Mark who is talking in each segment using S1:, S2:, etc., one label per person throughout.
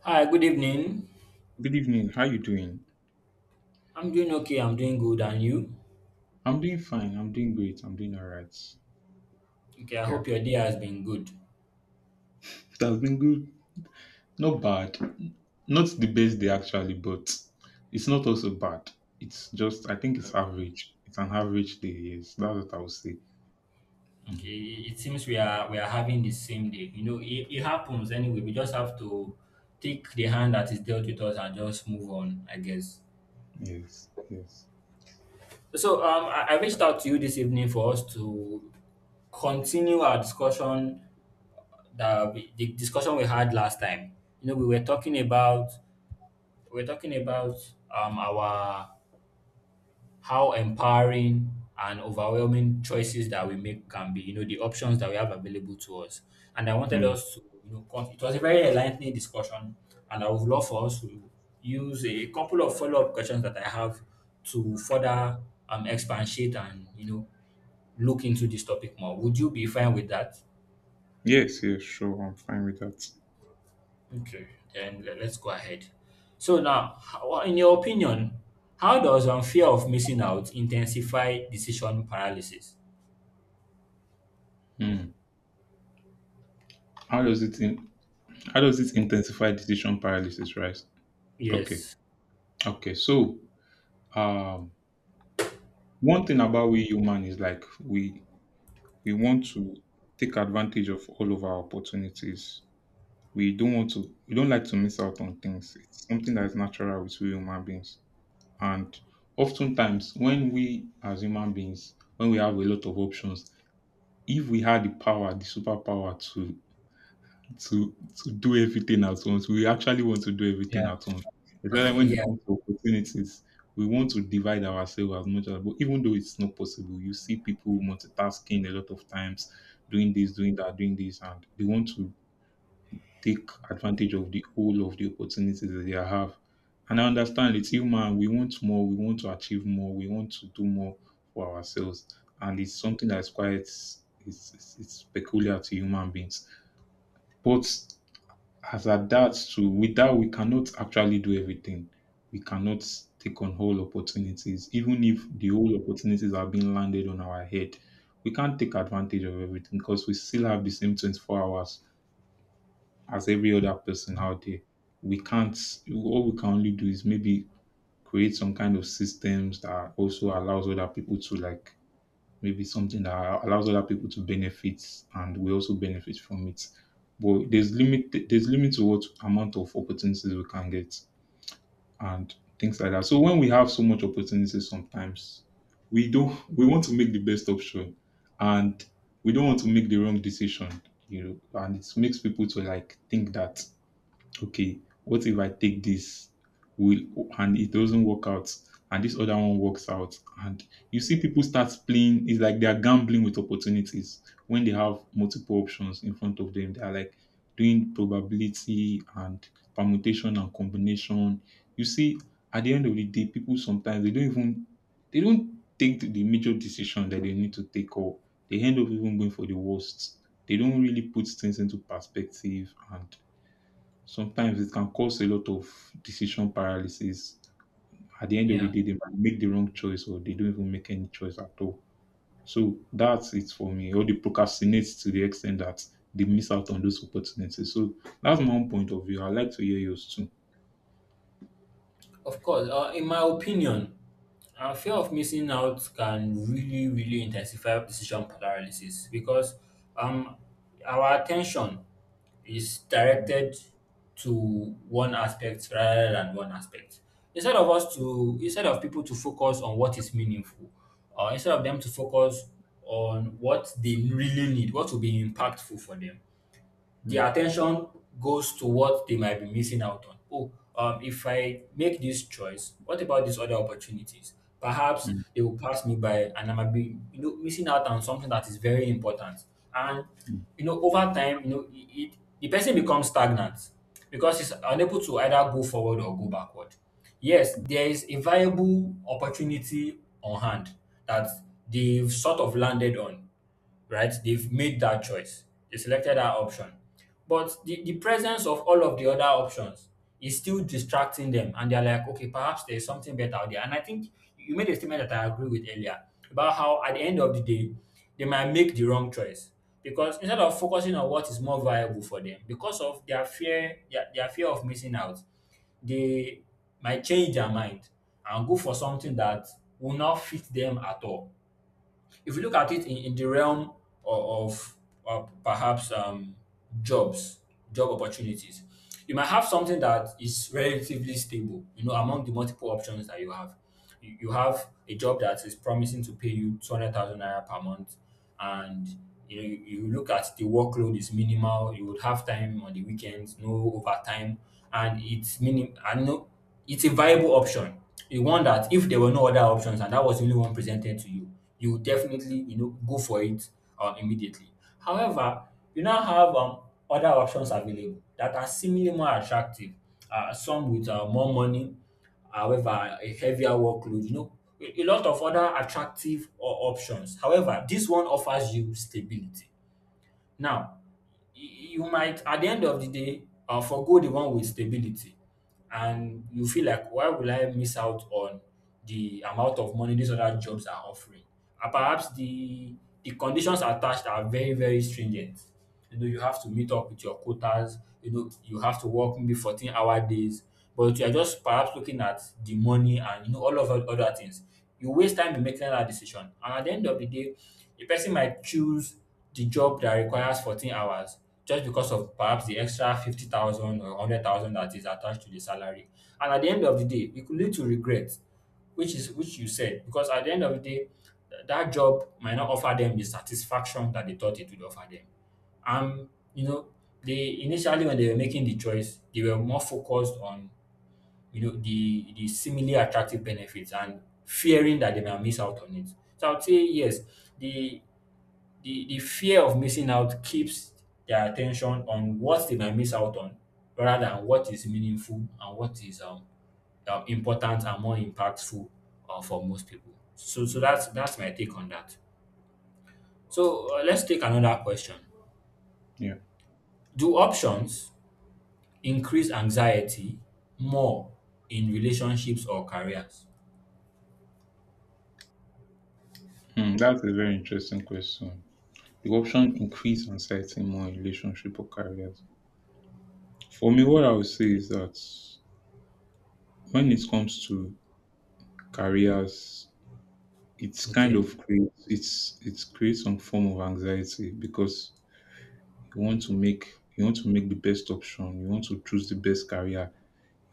S1: Hi, good evening.
S2: Good evening. How you doing?
S1: I'm doing okay. I'm doing good. And you?
S2: I'm doing fine. I'm doing great. I'm doing all right.
S1: Okay, I
S2: Yeah.
S1: hope your day has been good.
S2: It has been good. Not bad. Not the best day actually, but it's not also bad. It's just I think it's
S1: Okay.
S2: average. It's an average day. Yes, that's what I would say. Mm.
S1: Okay. It seems we are having the same day. You know, it happens anyway. We just have to take the hand that is dealt with us and just move on, I guess.
S2: Yes. Yes.
S1: So I reached out to you this evening for us to continue our discussion the discussion we had last time. You know, we were talking about we were talking about our how empowering and overwhelming choices that we make can be, you know, the options that we have available to us. And I wanted
S2: Mm.
S1: us to, you know, it was a very enlightening discussion, and I would love for us to use a couple of follow up questions that I have to further expatiate and, you know, look into this topic more. Would you be fine with that?
S2: Yes. Yes. Sure. I'm fine with that.
S1: Okay, then let's go ahead. So now, in your opinion, how does fear of missing out intensify decision paralysis?
S2: Mm. How does it in, How does it intensify decision paralysis? Right. Okay.
S1: Yes.
S2: Okay. So, um, one thing about we human is like we want to take advantage of all of our opportunities. We don't like to miss out on things. It's something that is natural with we human beings. And oftentimes, when we as human beings, when we have a lot of options, if we had the power, the superpower to to to do everything at once. We actually want to do everything
S1: Yeah.
S2: at once. Especially when it
S1: Yeah.
S2: comes to opportunities, we want to divide ourselves as much as but even though it's not possible, you see people multitasking a lot of times, doing this, doing that, doing this, and they want to take advantage of the whole of the opportunities that they have. And I understand it's human. We want more, we want to achieve more, we want to do more for ourselves. And it's something that's quite it's peculiar to human beings. But as at that too, with that we cannot actually do everything. We cannot take on whole opportunities, even if the whole opportunities are being landed on our head. We can't take advantage of everything because we still have the same 24 hours as every other person out there. We can't, all we can only do is maybe create some kind of systems that also allows other people to like maybe something that allows other people to benefit and we also benefit from it. But there's limit to what amount of opportunities we can get and things like that. So when we have so much opportunities sometimes we don't we want to make the best option and we don't want to make the wrong decision, you know, and it makes people to like think that okay, what if I take this will and it doesn't work out and this other one works out and you see people start playing it's like they are gambling with opportunities when they have multiple options in front of them they are like doing probability and permutation and combination you see at the end of the day people sometimes they don't take the major decision that they need to take or they end up even going for the worst they don't really put things into perspective and sometimes it can cause a lot of decision paralysis. At the end of the
S1: Yeah.
S2: day, they might make the wrong choice or they don't even make any choice at all. So that's it for me. Or they procrastinate to the extent that they miss out on those opportunities. So that's my own point of view. I'd like to hear yours too.
S1: Of course. In my opinion, our fear of missing out can really, really intensify decision paralysis because um, our attention is directed to one aspect. Instead of people to focus on what is meaningful, instead of them to focus on what they really need, what will be impactful for them, their
S2: Mm.
S1: attention goes to what they might be missing out on. Oh, if I make this choice, what about these other opportunities? Perhaps
S2: Mm.
S1: they will pass me by, and I might be, you know, missing out on something that is very important. And
S2: Mm.
S1: you know, over time, you know, it the person becomes stagnant because he's unable to either go forward or go backward. Yes, there is a viable opportunity on hand that they've sort of landed on, right? They've made that choice. They selected that option. But the presence of all of the other options is still distracting them. And they're like, okay, perhaps there's something better out there. And I think you made a statement that I agree with earlier about how at the end of the day, they might make the wrong choice. Because instead of focusing on what is more viable for them, because of their fear, their fear of missing out, they might change their mind and go for something that will not fit them at all. If you look at it in the realm of, of perhaps jobs, job opportunities, you might have something that is relatively stable, you know, among the multiple options that you have. You have a job that is promising to pay you 200,000 naira per month, and you know, you look at the workload is minimal. You would have time on the weekends, no overtime, and it's minim. I know it's a viable option. The one that if there were no other options and that was the only one presented to you, you would definitely you know go for it immediately. However, you now have other options available that are similarly more attractive. Some with more money, however, a heavier workload, you know, a lot of other attractive options. However, this one offers you stability. Now, you might, at the end of the day, forgo the one with stability. And you feel like, why will I miss out on the amount of money these other jobs are offering? And perhaps the conditions attached are very, very stringent. You know, you have to meet up with your quotas. You know, you have to work maybe 14-hour days. But you are just perhaps looking at the money and, you know, all of the other things. You waste time in making that decision. And at the end of the day, a person might choose the job that requires 14 hours just because of perhaps the extra 50,000 or 100,000 that is attached to the salary. And at the end of the day, it could lead to regret, which is which you said, because at the end of the day, that job might not offer them the satisfaction that they thought it would offer them. You know, they initially when they were making the choice, they were more focused on you know the seemingly attractive benefits and fearing that they might miss out on it. So I would say yes, the the fear of missing out keeps their attention on what they might miss out on rather than what is meaningful and what is important and more impactful for most people. So that's my take on that. So let's take another question.
S2: Yeah.
S1: Do options increase anxiety more in relationships or careers?
S2: Mm, that's a very interesting question. The option increase anxiety more in relationship or careers. For me, what I would say is that when it comes to careers,
S1: Okay.
S2: it's it creates some form of anxiety because you want to make you want to make the best option, you want to choose the best career,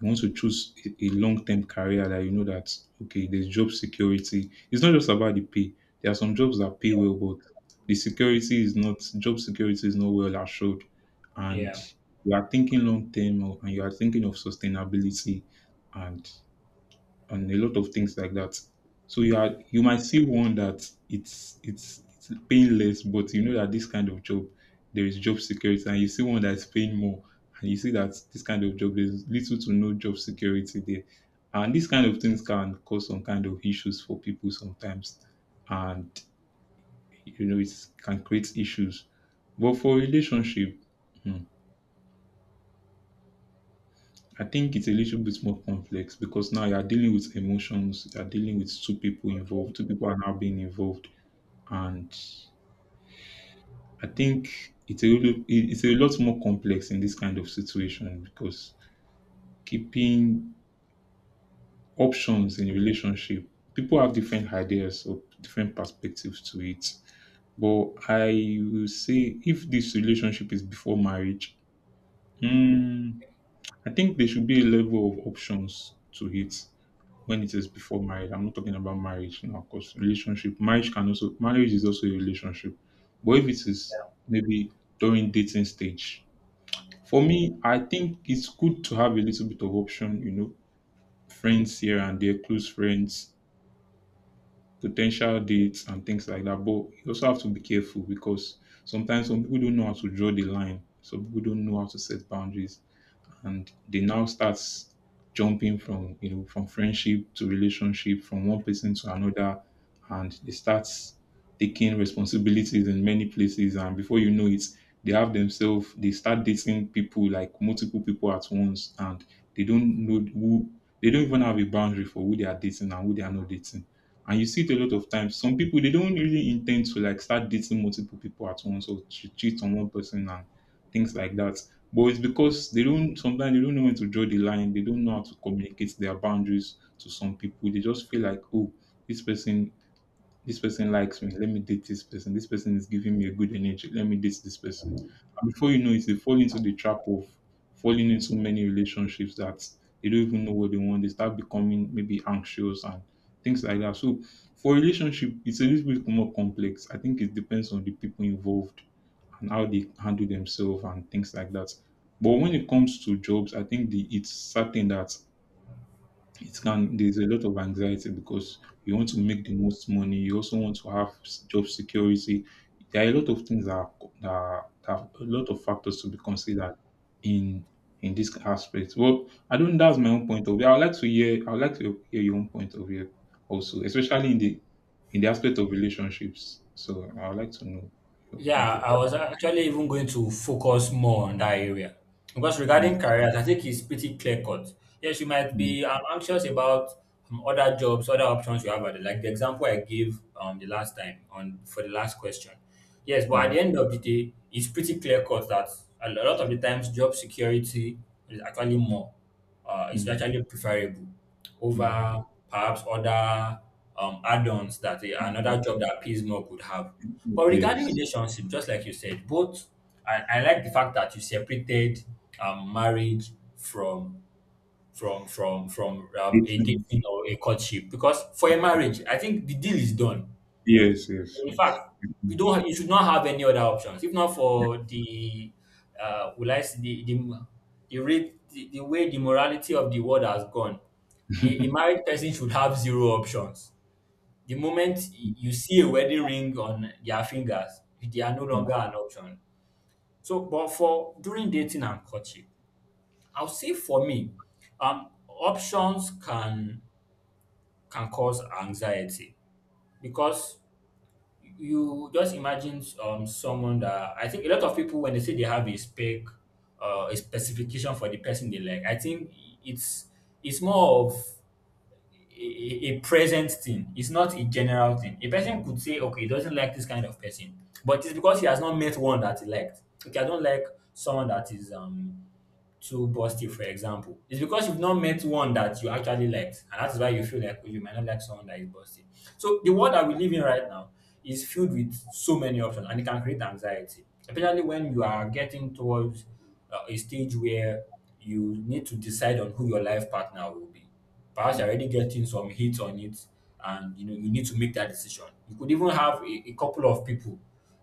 S2: you want to choose a long-term career that you know that okay there's job security, it's not just about the pay. There are some jobs that pay well, but the security is not job security is not well assured, and
S1: Yeah.
S2: you are thinking long term and you are thinking of sustainability and a lot of things like that. So you are, you might see one that it's paying less, but you know that this kind of job there is job security, and you see one that is paying more, and you see that this kind of job there's little to no job security there, and these kind of things can cause some kind of issues for people sometimes, and you know it can create issues. But for relationship, hmm, I think it's a little bit more complex because now you're dealing with emotions, you're dealing with two people involved, two people are now being involved. And I think it's a lot more complex in this kind of situation because keeping options in a relationship, people have different ideas or different perspectives to it. But I will say if this relationship is before marriage, mm, I think there should be a level of options to it when it is before marriage. I'm not talking about marriage now, because relationship, marriage is also a relationship. But if it is maybe during dating stage, for me, I think it's good to have a little bit of option, you know, friends here and there, close friends, potential dates, and things like that. But you also have to be careful because sometimes some people don't know how to draw the line. Some people don't know how to set boundaries and they now start jumping from you know from friendship to relationship, from one person to another, and they start taking responsibilities in many places, and before you know it they have themselves, they start dating people like multiple people at once, and they don't know who, they don't even have a boundary for who they are dating and who they are not dating. And you see it a lot of times, some people they don't really intend to like start dating multiple people at once or to cheat on one person and things like that, but it's because they don't know when to draw the line. They don't know how to communicate their boundaries to some people. They just feel like, oh, this person this person likes me. Let me date this person. This person is giving me a good energy. Let me date this person. And before you know it, they fall into the trap of falling into many relationships that they don't even know what they want. They start becoming maybe anxious and things like that. So for relationship, it's a little bit more complex. I think it depends on the people involved and how they handle themselves and things like that. But when it comes to jobs, I think it's certain that it can there's a lot of anxiety because you want to make the most money, you also want to have job security. There are a lot of things that are, that are a lot of factors to be considered in in this aspect. Well, I don't, that's my own point of view. I would like to hear your own point of view also, especially in the aspect of relationships. So I would like to know your point of
S1: Yeah, I
S2: view.
S1: was actually even going to focus more on that area because regarding
S2: Mm.
S1: careers, I think it's pretty clear cut. Yes, you might
S2: Mm.
S1: be anxious about other jobs, other options you have, like the example I gave the last time on for the last question. Yes, but at
S2: Mm.
S1: the end of the day, it's pretty clear cut that a lot of the times job security is actually more
S2: Mm.
S1: is
S2: Mm.
S1: actually preferable
S2: Mm. Mm.
S1: over perhaps other add-ons that
S2: Mm. Mm.
S1: another job that pays more could have. But
S2: Yes.
S1: regarding relationship, just like you said, I like the fact that you separated marriage from
S2: It's,
S1: a dating or a courtship because for a marriage, I think the deal is done.
S2: yes, yes,
S1: In
S2: yes.
S1: fact, we don't. Have, you should not have any other options. If not for will I say rate, the way the morality of the world has gone, a married person should have zero options. The moment you see a wedding ring on their fingers, they are no
S2: Mm.
S1: longer an option. So, but for during dating and courtship, I'll say for me, options can cause anxiety because you just imagine someone that I think a lot of people when they say they have a specification for the person they like, I think it's it's more of a present thing. It's not a general thing. A person could say, okay, he doesn't like this kind of person, but it's because he has not met one that he liked. Okay, I don't like someone that is too busty, for example, it's because you've not met one that you actually liked, and that is why you feel like oh, you might not like someone that is busty. So the world that we live in right now is filled with so many options, and it can create anxiety, especially when you are getting towards a stage where you need to decide on who your life partner will be. Perhaps you're
S2: Mm.
S1: already getting some hits on it, and you know you need to make that decision. You could even have a couple of people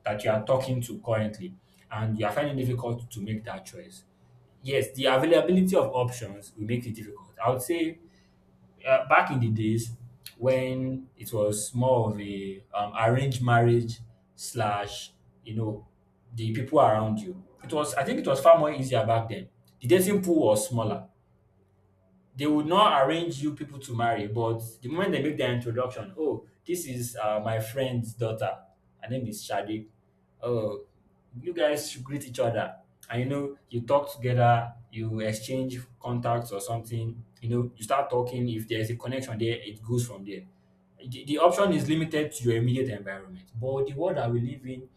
S1: that you are talking to currently, and you are finding it difficult to make that choice. Yes, the availability of options will make it difficult. I would say back in the days when it was more of a arranged marriage slash, you know, the people around you. It was I think it was far more easier back then. The dating pool was smaller. They would not arrange you people to marry, but the moment they make their introduction, oh, this is my friend's daughter. Her name is Shadi. Oh, you guys should greet each other. And you know, you talk together, you exchange contacts or something. You know, you start talking. If there's a connection there, it goes from there. The option is limited to your immediate environment. But the world that we live in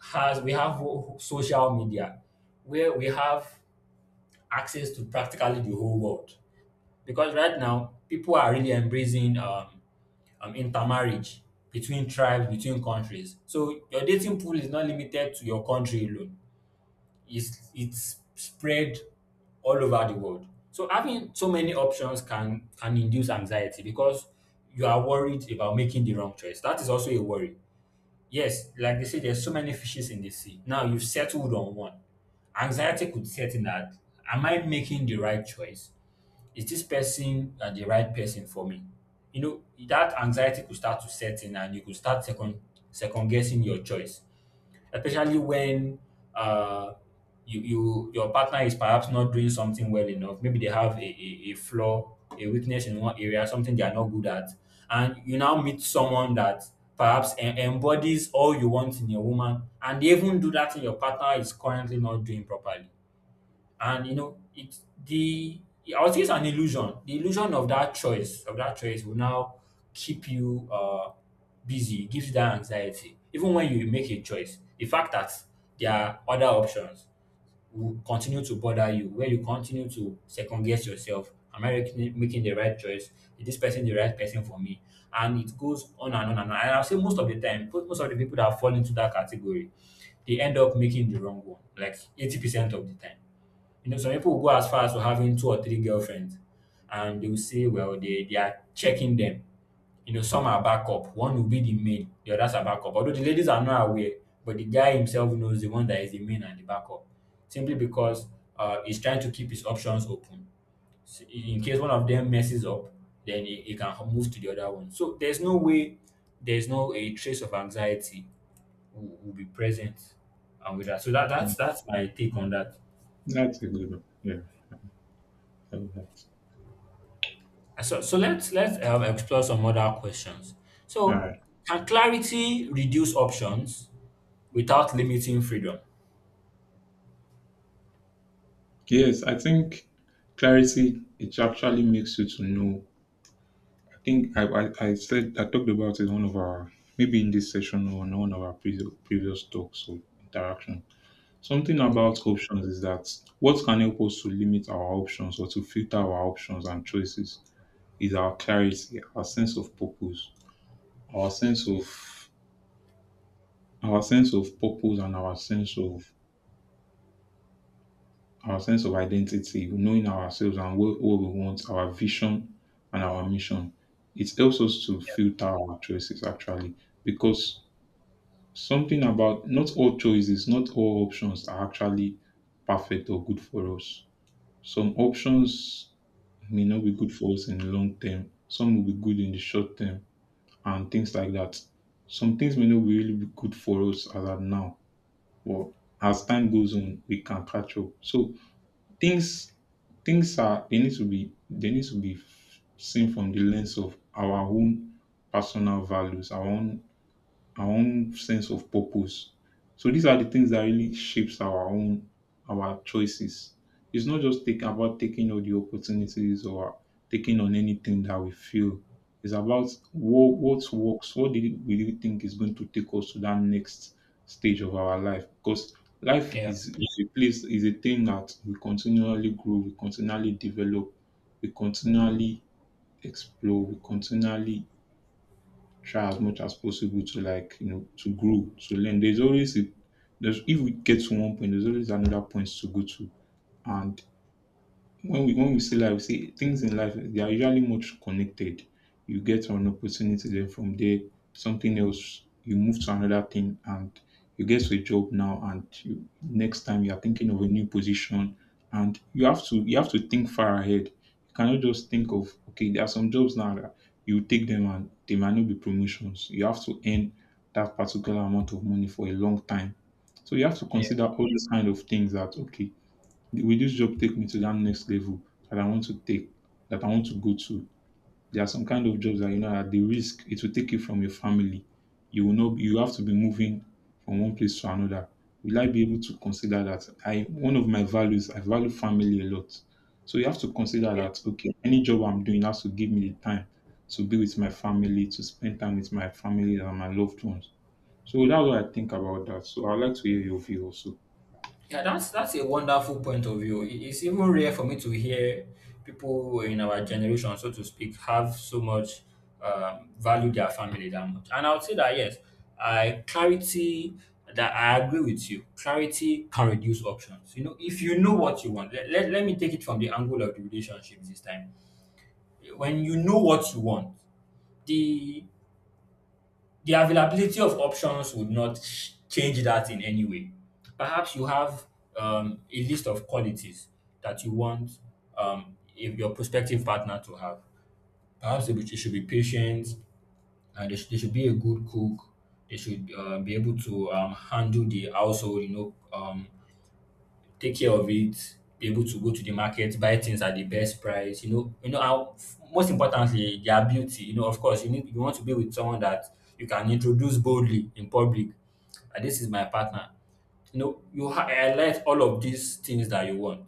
S1: has, we have social media where we have access to practically the whole world because right now, people are really embracing intermarriage between tribes, between countries. So your dating pool is not limited to your country alone. It's spread all over the world. So having so many options can induce anxiety because you are worried about making the wrong choice. That is also a worry. Yes, like they say, there's so many fishes in the sea. Now you've settled on one. Anxiety could set in that am I making the right choice? Is this person the right person for me? You know, that anxiety could start to set in and you could start second guessing your choice, especially when uh, you your partner is perhaps not doing something well enough. Maybe they have a flaw, a weakness in one area, something they are not good at. And you now meet someone that perhaps embodies all you want in your woman and they even do that in your partner is currently not doing properly, and you know it. The i would say it's an illusion, the illusion of that choice will now keep you busy. It gives you that anxiety. Even when you make a choice, the fact that there are other options will continue to bother you, where you continue to second guess yourself. Am I making the right choice? Is this person the right person for me? And it goes on and on and on. And I'll say most of the time, most of the people that fall into that category, they end up making the wrong one, like 80% of the time. You know, some people will go as far as to having two or three girlfriends, and they will say, well, they are checking them. You know, some are backup. One will be the main, the others are backup. Although the ladies are not aware, but the guy himself knows the one that is the main and the backup, simply because he's trying to keep his options open. So in case one of them messes up, then he can move to the other one. So there's no way, there's no a trace of anxiety will be present, and with that. So that's my take on that.
S2: That's a good one. Yeah, I love that.
S1: So, let's explore some other questions.
S2: All
S1: So,
S2: right.
S1: can clarity reduce options without limiting freedom?
S2: Yes, I think clarity it actually makes you to know. I think I said I talked about it in one of our maybe in this session or in one of our previous talks or interaction. Something about options is that what can help us to limit our options or to filter our options and choices is our clarity, our sense of purpose, our sense of our sense of purpose and our sense of identity, knowing ourselves and what we want, our vision and our mission. It helps us to filter our choices actually because something about not all choices, not all options are actually perfect or good for us. Some options may not be good for us in the long term, some will be good in the short term, and things like that. Some things may not be really be good for us as at now, but as time goes on, we can catch up. So things things are they need to be seen from the lens of our own personal values, our own sense of purpose. So these are the things that really shapes our choices. It's not just about taking all the opportunities or taking on anything that we feel. It's about what works, what did we really think is going to take us to that next stage of our life. Because life
S1: Yeah,
S2: is, is a place, is a thing that we continually grow, we continually develop, we continually explore, we continually try as much as possible to like you know to grow to learn there's always a there's if we get to one point there's always another point to go to. And when we see life, we see things in life they are usually much connected. You get an opportunity then from there, something else, you move to another thing, and you get to a job now and you, next time you are thinking of a new position, and you have to think far ahead. You cannot just think of okay, there are some jobs now that you take them and they might not be promotions. You have to earn that particular amount of money for a long time. So you have to
S1: yeah,
S2: consider all these kind of things that okay, will this job take me to that next level that I want to take, that I want to go to? There are some kind of jobs that you know at the risk it will take you from your family. You will not you have to be moving from one place to another. Will I be able to consider that? I one of my values, I value family a lot. So you have to consider
S1: okay.
S2: that okay, any job I'm doing has to give me the time to be with my family, to spend time with my family and my loved ones. So that's what I think about that. So I'd like to hear your view also.
S1: Yeah, that's a wonderful point of view. It's even rare for me to hear people in our generation, so to speak, have so much value their family that much. And I would say that yes, I clarity that I agree with you. Clarity can reduce options. You know, if you know what you want, let me take it from the angle of the relationship this time. When you know what you want, the availability of options would not change that in any way. Perhaps you have a list of qualities that you want if your prospective partner to have. Perhaps they should be patient, they should be a good cook, they should be able to handle the household, you know, take care of it, be able to go to the market, buy things at the best price. You know how, most importantly, their beauty. You know, of course, you need, you want to be with someone that you can introduce boldly in public. And this is my partner. You know, you highlight all of these things that you want,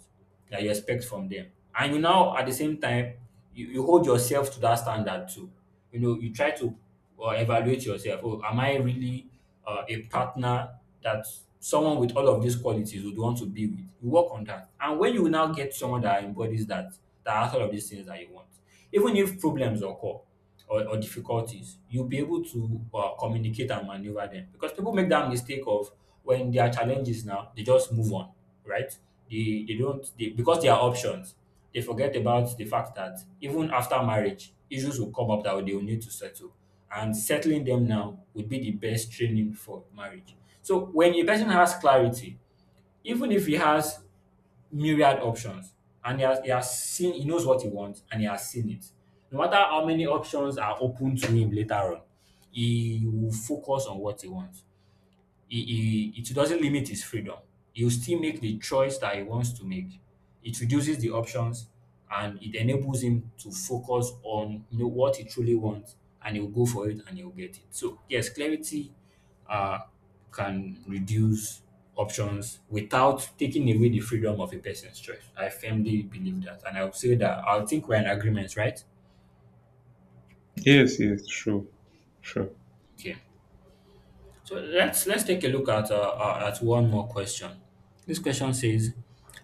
S1: that you expect from them, and you now at the same time, you hold yourself to that standard too. You know, you try to evaluate yourself. Oh, am I really a partner that someone with all of these qualities would want to be with? You work on that, and when you now get someone that embodies that, that has all of these things that you want, even if problems occur or difficulties, you'll be able to communicate and maneuver them. Because people make that mistake of, when there are challenges now, they just move on, right? They don't, they, because they are options, they forget about the fact that even after marriage, issues will come up that they will need to settle. And settling them now would be the best training for marriage. So when a person has clarity, even if he has myriad options, and he has seen, he knows what he wants and he has seen it, no matter how many options are open to him later on, he will focus on what he wants. It doesn't limit his freedom. He'll still make the choice that he wants to make. It reduces the options and it enables him to focus on, you know, what he truly wants, and he'll go for it and he'll get it. So yes, clarity uh, can reduce options without taking away the freedom of a person's choice. I firmly believe that. And I would say that I think we're in agreement, right?
S2: Yes, yes, sure, sure.
S1: Okay. So let's take a look at one more question. This question says,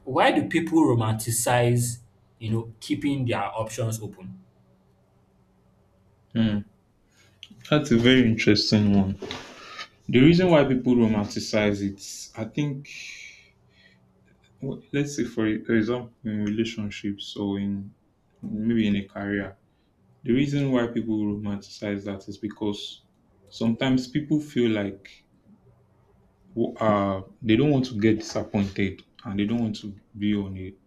S1: why do people romanticize, you know, keeping their options open?
S2: Hmm. That's a very interesting one. The reason why people romanticize it, I think, let's say for example, in relationships or in maybe in a career, the reason why people romanticize that is because sometimes people feel like they don't want to get disappointed and they don't want to be on it.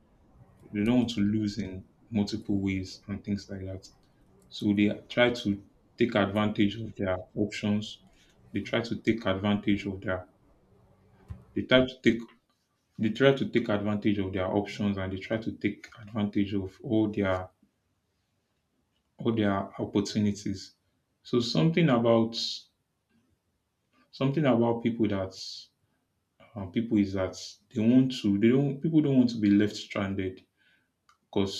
S2: They don't want to lose in multiple ways and things like that. So they try to take advantage of their options. They try to take advantage of their They try to take they try to take advantage of their options, and they try to take advantage of all their opportunities. So something about people that people is that they want to they don't people don't want to be left stranded because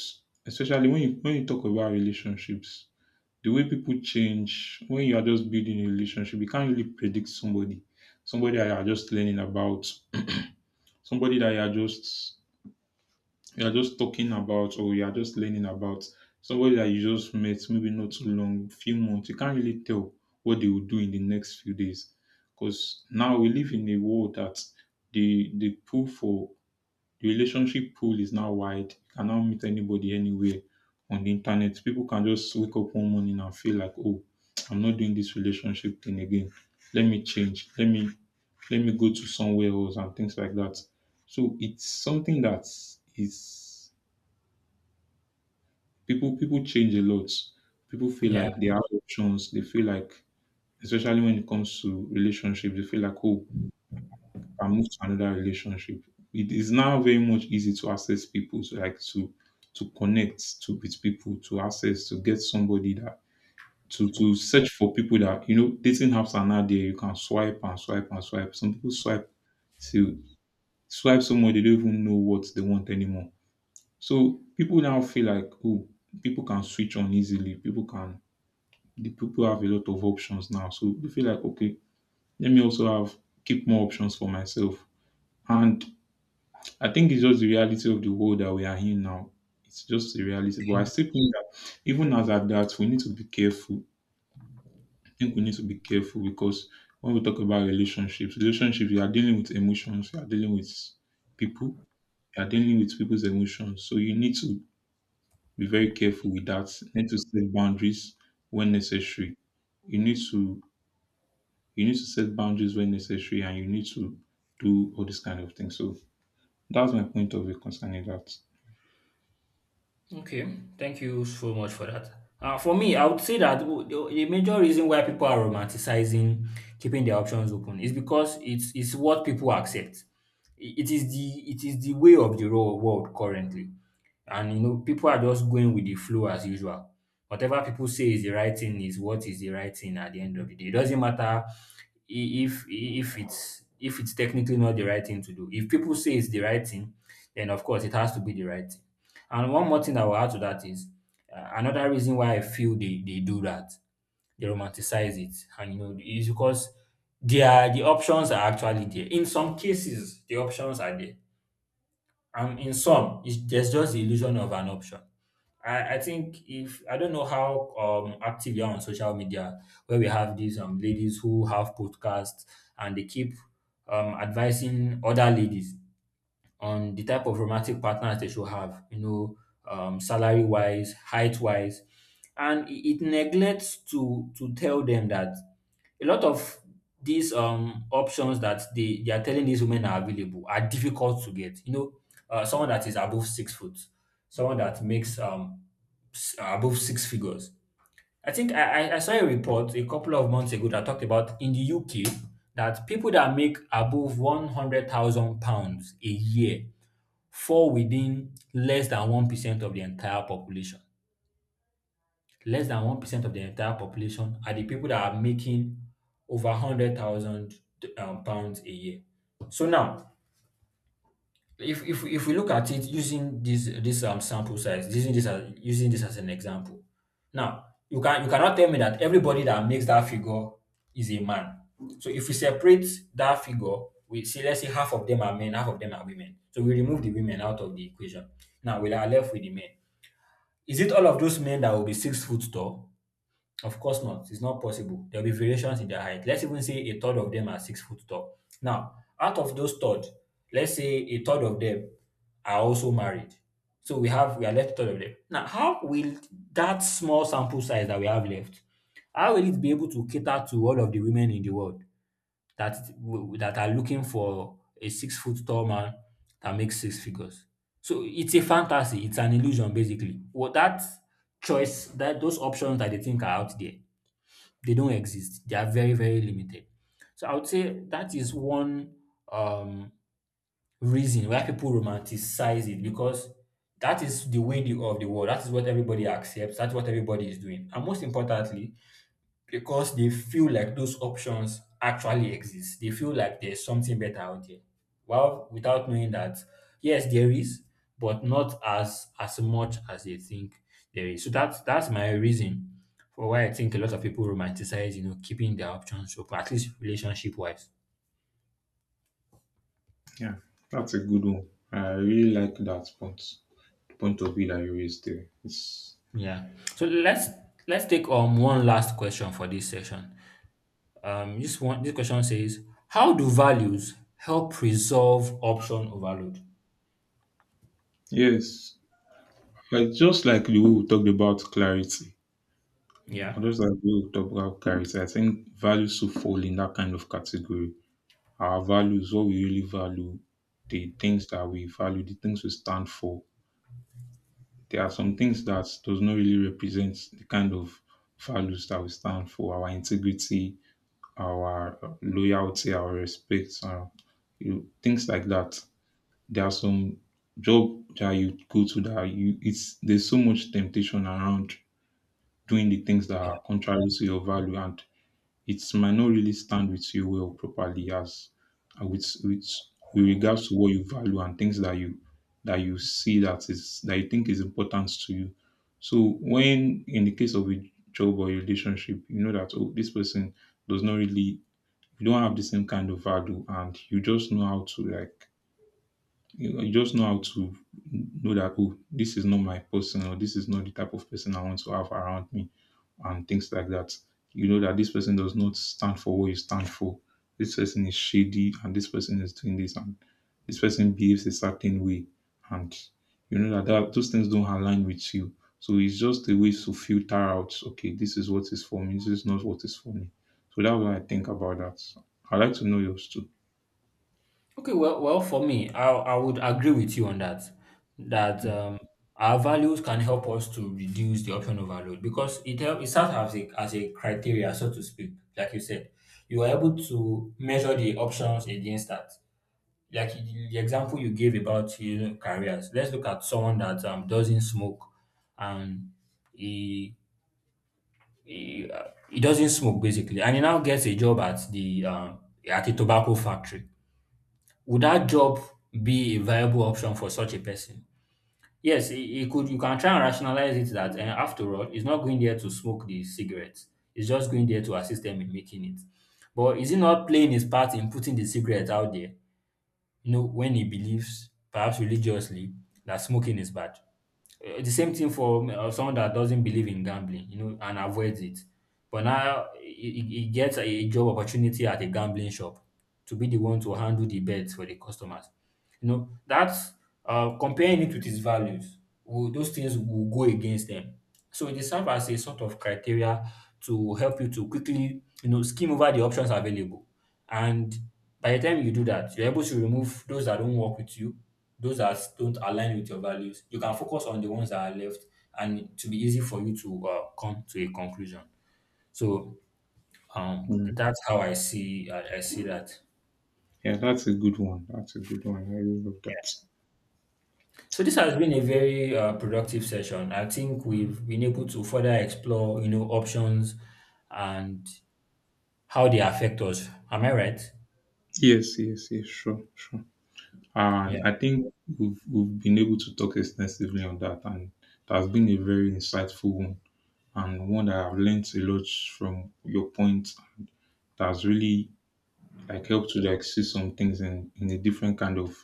S2: especially when you talk about relationships, the way people change when you are just building a relationship, you can't really predict somebody, somebody that you are just learning about, somebody that you are just you are just talking about, or you are just learning about somebody that you just met, maybe not too long, few months. You can't really tell what they will do in the next few days. Because now we live in a world that the pool for the relationship pool is now wide. You cannot meet anybody anywhere on the internet. People can just wake up one morning and feel like, oh, I'm not doing this relationship thing again. Let me change. Let me go to somewhere else and things like that. So it's something that is people people change a lot. People feel
S1: Yeah,
S2: like they have options. They feel like, especially when it comes to relationships, they feel like, oh, I move to another relationship. It is now very much easy to access people, to like to connect to with people, to access, to get somebody that to search for people that you know dating apps are now there. You can swipe and swipe and swipe. Some people swipe to swipe someone they don't even know what they want anymore. So people now feel like, oh, people can switch on easily. People can the people have a lot of options now. So you feel like, okay, let me also have keep more options for myself. And I think it's just the reality of the world that we are in now. It's just the reality. But I
S1: okay.
S2: still think that even as at that, we need to be careful. I think we need to be careful because when we talk about relationships, relationships, you are dealing with emotions, you are dealing with people, you are dealing with people's emotions. So you need to be very careful with that. You need to set boundaries when necessary. You need to You need to set boundaries when necessary, and you need to do all these kind of things. So that's my point of view concerning that.
S1: Okay, thank you so much for that. For me, I would say that the major reason why people are romanticizing keeping their options open is because it's what people accept. It is the, it is the way of the raw world currently, and you know, people are just going with the flow as usual. Whatever people say is the right thing is what is the right thing at the end of the day. It doesn't matter, if, if it's technically not the right thing to do. If people say it's the right thing, then of course it has to be the right thing. And one more thing I will add to that is, another reason why I feel they do that, they romanticize it, and you know, is because the options are actually there. In some cases, the options are there, and in some, it's, there's just the illusion of an option. I think, if I don't know how active you are on social media, where we have these ladies who have podcasts and they keep advising other ladies on the type of romantic partners they should have, you know, salary wise, height wise. And it neglects to tell them that a lot of these options that they are telling these women are available are difficult to get. You know, someone that is above 6 foot, someone that makes above six figures. I think I I saw a report a couple of months ago that talked about, in the UK, that people that make above £100,000 a year fall within less than 1% of the entire population. Less than 1% of the entire population are the people that are making over 100,000 pounds a year. So now, if we look at it using this sample size, using this as an example, now you can, you cannot tell me that everybody that makes that figure is a man. So if we separate that figure, we see, let's say half of them are men, half of them are women. So we remove the women out of the equation. Now we are left with the men. Is it all of those men that will be 6 foot tall? Of course not. It's not possible. There will be variations in their height. Let's even say a third of them are 6 foot tall. Now, out of those third, let's say a third of them are also married. So we have, we are left third of them. Now, how will that small sample size that we have left, how will it be able to cater to all of the women in the world that that are looking for a 6 foot tall man that makes six figures? So it's a fantasy. It's an illusion, basically. What that choice, that those options that they think are out there, they don't exist. They are very very limited. So I would say that is one um, reason why people romanticize it, because that is the way of the world. That is what everybody accepts. That's what everybody is doing. And most importantly, because they feel like those options actually exist. They feel like there's something better out there. Well, without knowing that, yes, there is, but not as as much as they think there is. So that's my reason for why I think a lot of people romanticize, you know, keeping their options open, at least relationship wise.
S2: Yeah, that's a good one. I really like that point. The point of view that you raised there. It's
S1: Yeah. So let's take one last question for this session. This one, this question says, how do values help resolve option overload?
S2: yes. Like just like you we talked about clarity. Or
S1: Yeah.
S2: just like you talked about clarity. I think values should fall in that kind of category. Our values, what we really value, the things that we value, the things we stand for there are some things that does not really represent the kind of values that we stand for, our integrity, our loyalty, our respect, you know, things like that. There are some job that you go to that you it's there's so much temptation around doing the things that are contrary to your value, and it might not really stand with you well properly as uh, with with with regards to what you value and things that you see that is that you think is important to you. So when in the case of a job or a relationship, you know that oh this person does not really you don't have the same kind of value and you just know how to like you just know how to know that, oh, this is not my person or this is not the type of person I want to have around me and things like that. You know that this person does not stand for what you stand for. This person is shady and this person is doing this, and this person behaves a certain way. And you know that, that those things don't align with you. So it's just a way to filter out, okay, this is what is for me, this is not what is for me. So that's what I think about that. I'd like to know yours too.
S1: Okay, for me, I would agree with you on that. That our values can help us to reduce the option overload, because it help, it serves as a criteria, so to speak. Like you said, you are able to measure the options against that. The example you gave about, you know, careers. Let's look at someone that doesn't smoke, and he he doesn't smoke basically, and he now gets a job at the at a tobacco factory. Would that job be a viable option for such a person? Yes, it could. You can try and rationalize it that, and after all, he's not going there to smoke the cigarettes. He's just going there to assist them in making it. But is he not playing his part in putting the cigarette out there? You know, when he believes, perhaps religiously, that smoking is bad. The same thing for someone that doesn't believe in gambling, you know, and avoids it. But now he gets a job opportunity at a gambling shop to be the one to handle the bets for the customers. You know, that's comparing it with his values. Will, those things will go against them. So it serves as a sort of criteria to help you to quickly, you know, skim over the options available. And by the time you do that, you're able to remove those that don't work with you, those that don't align with your values. You can focus on the ones that are left, and to be easy for you to come to a conclusion. So
S2: Yeah.
S1: that's how I see that.
S2: Yeah, that's a good one. That's a good one. I really love that.
S1: So this has been a very productive session. I think we've been able to further explore, you know, options and how they affect us. Am I right?
S2: Yes, yes, yes, sure, sure. And
S1: Yeah.
S2: I think we've been able to talk extensively on that, and that has been a very insightful one, and one that I've learned a lot from your point. That has really like helped to like see some things in a different kind of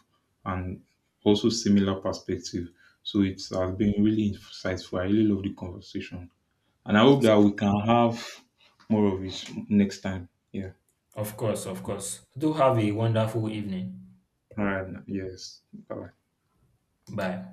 S2: and also similar perspective. So it has been really insightful. I really love the conversation, and I hope that we can have more of it next time. Yeah.
S1: Of course, of course. Do have a wonderful evening.
S2: All right. Yes. Bye.
S1: Bye.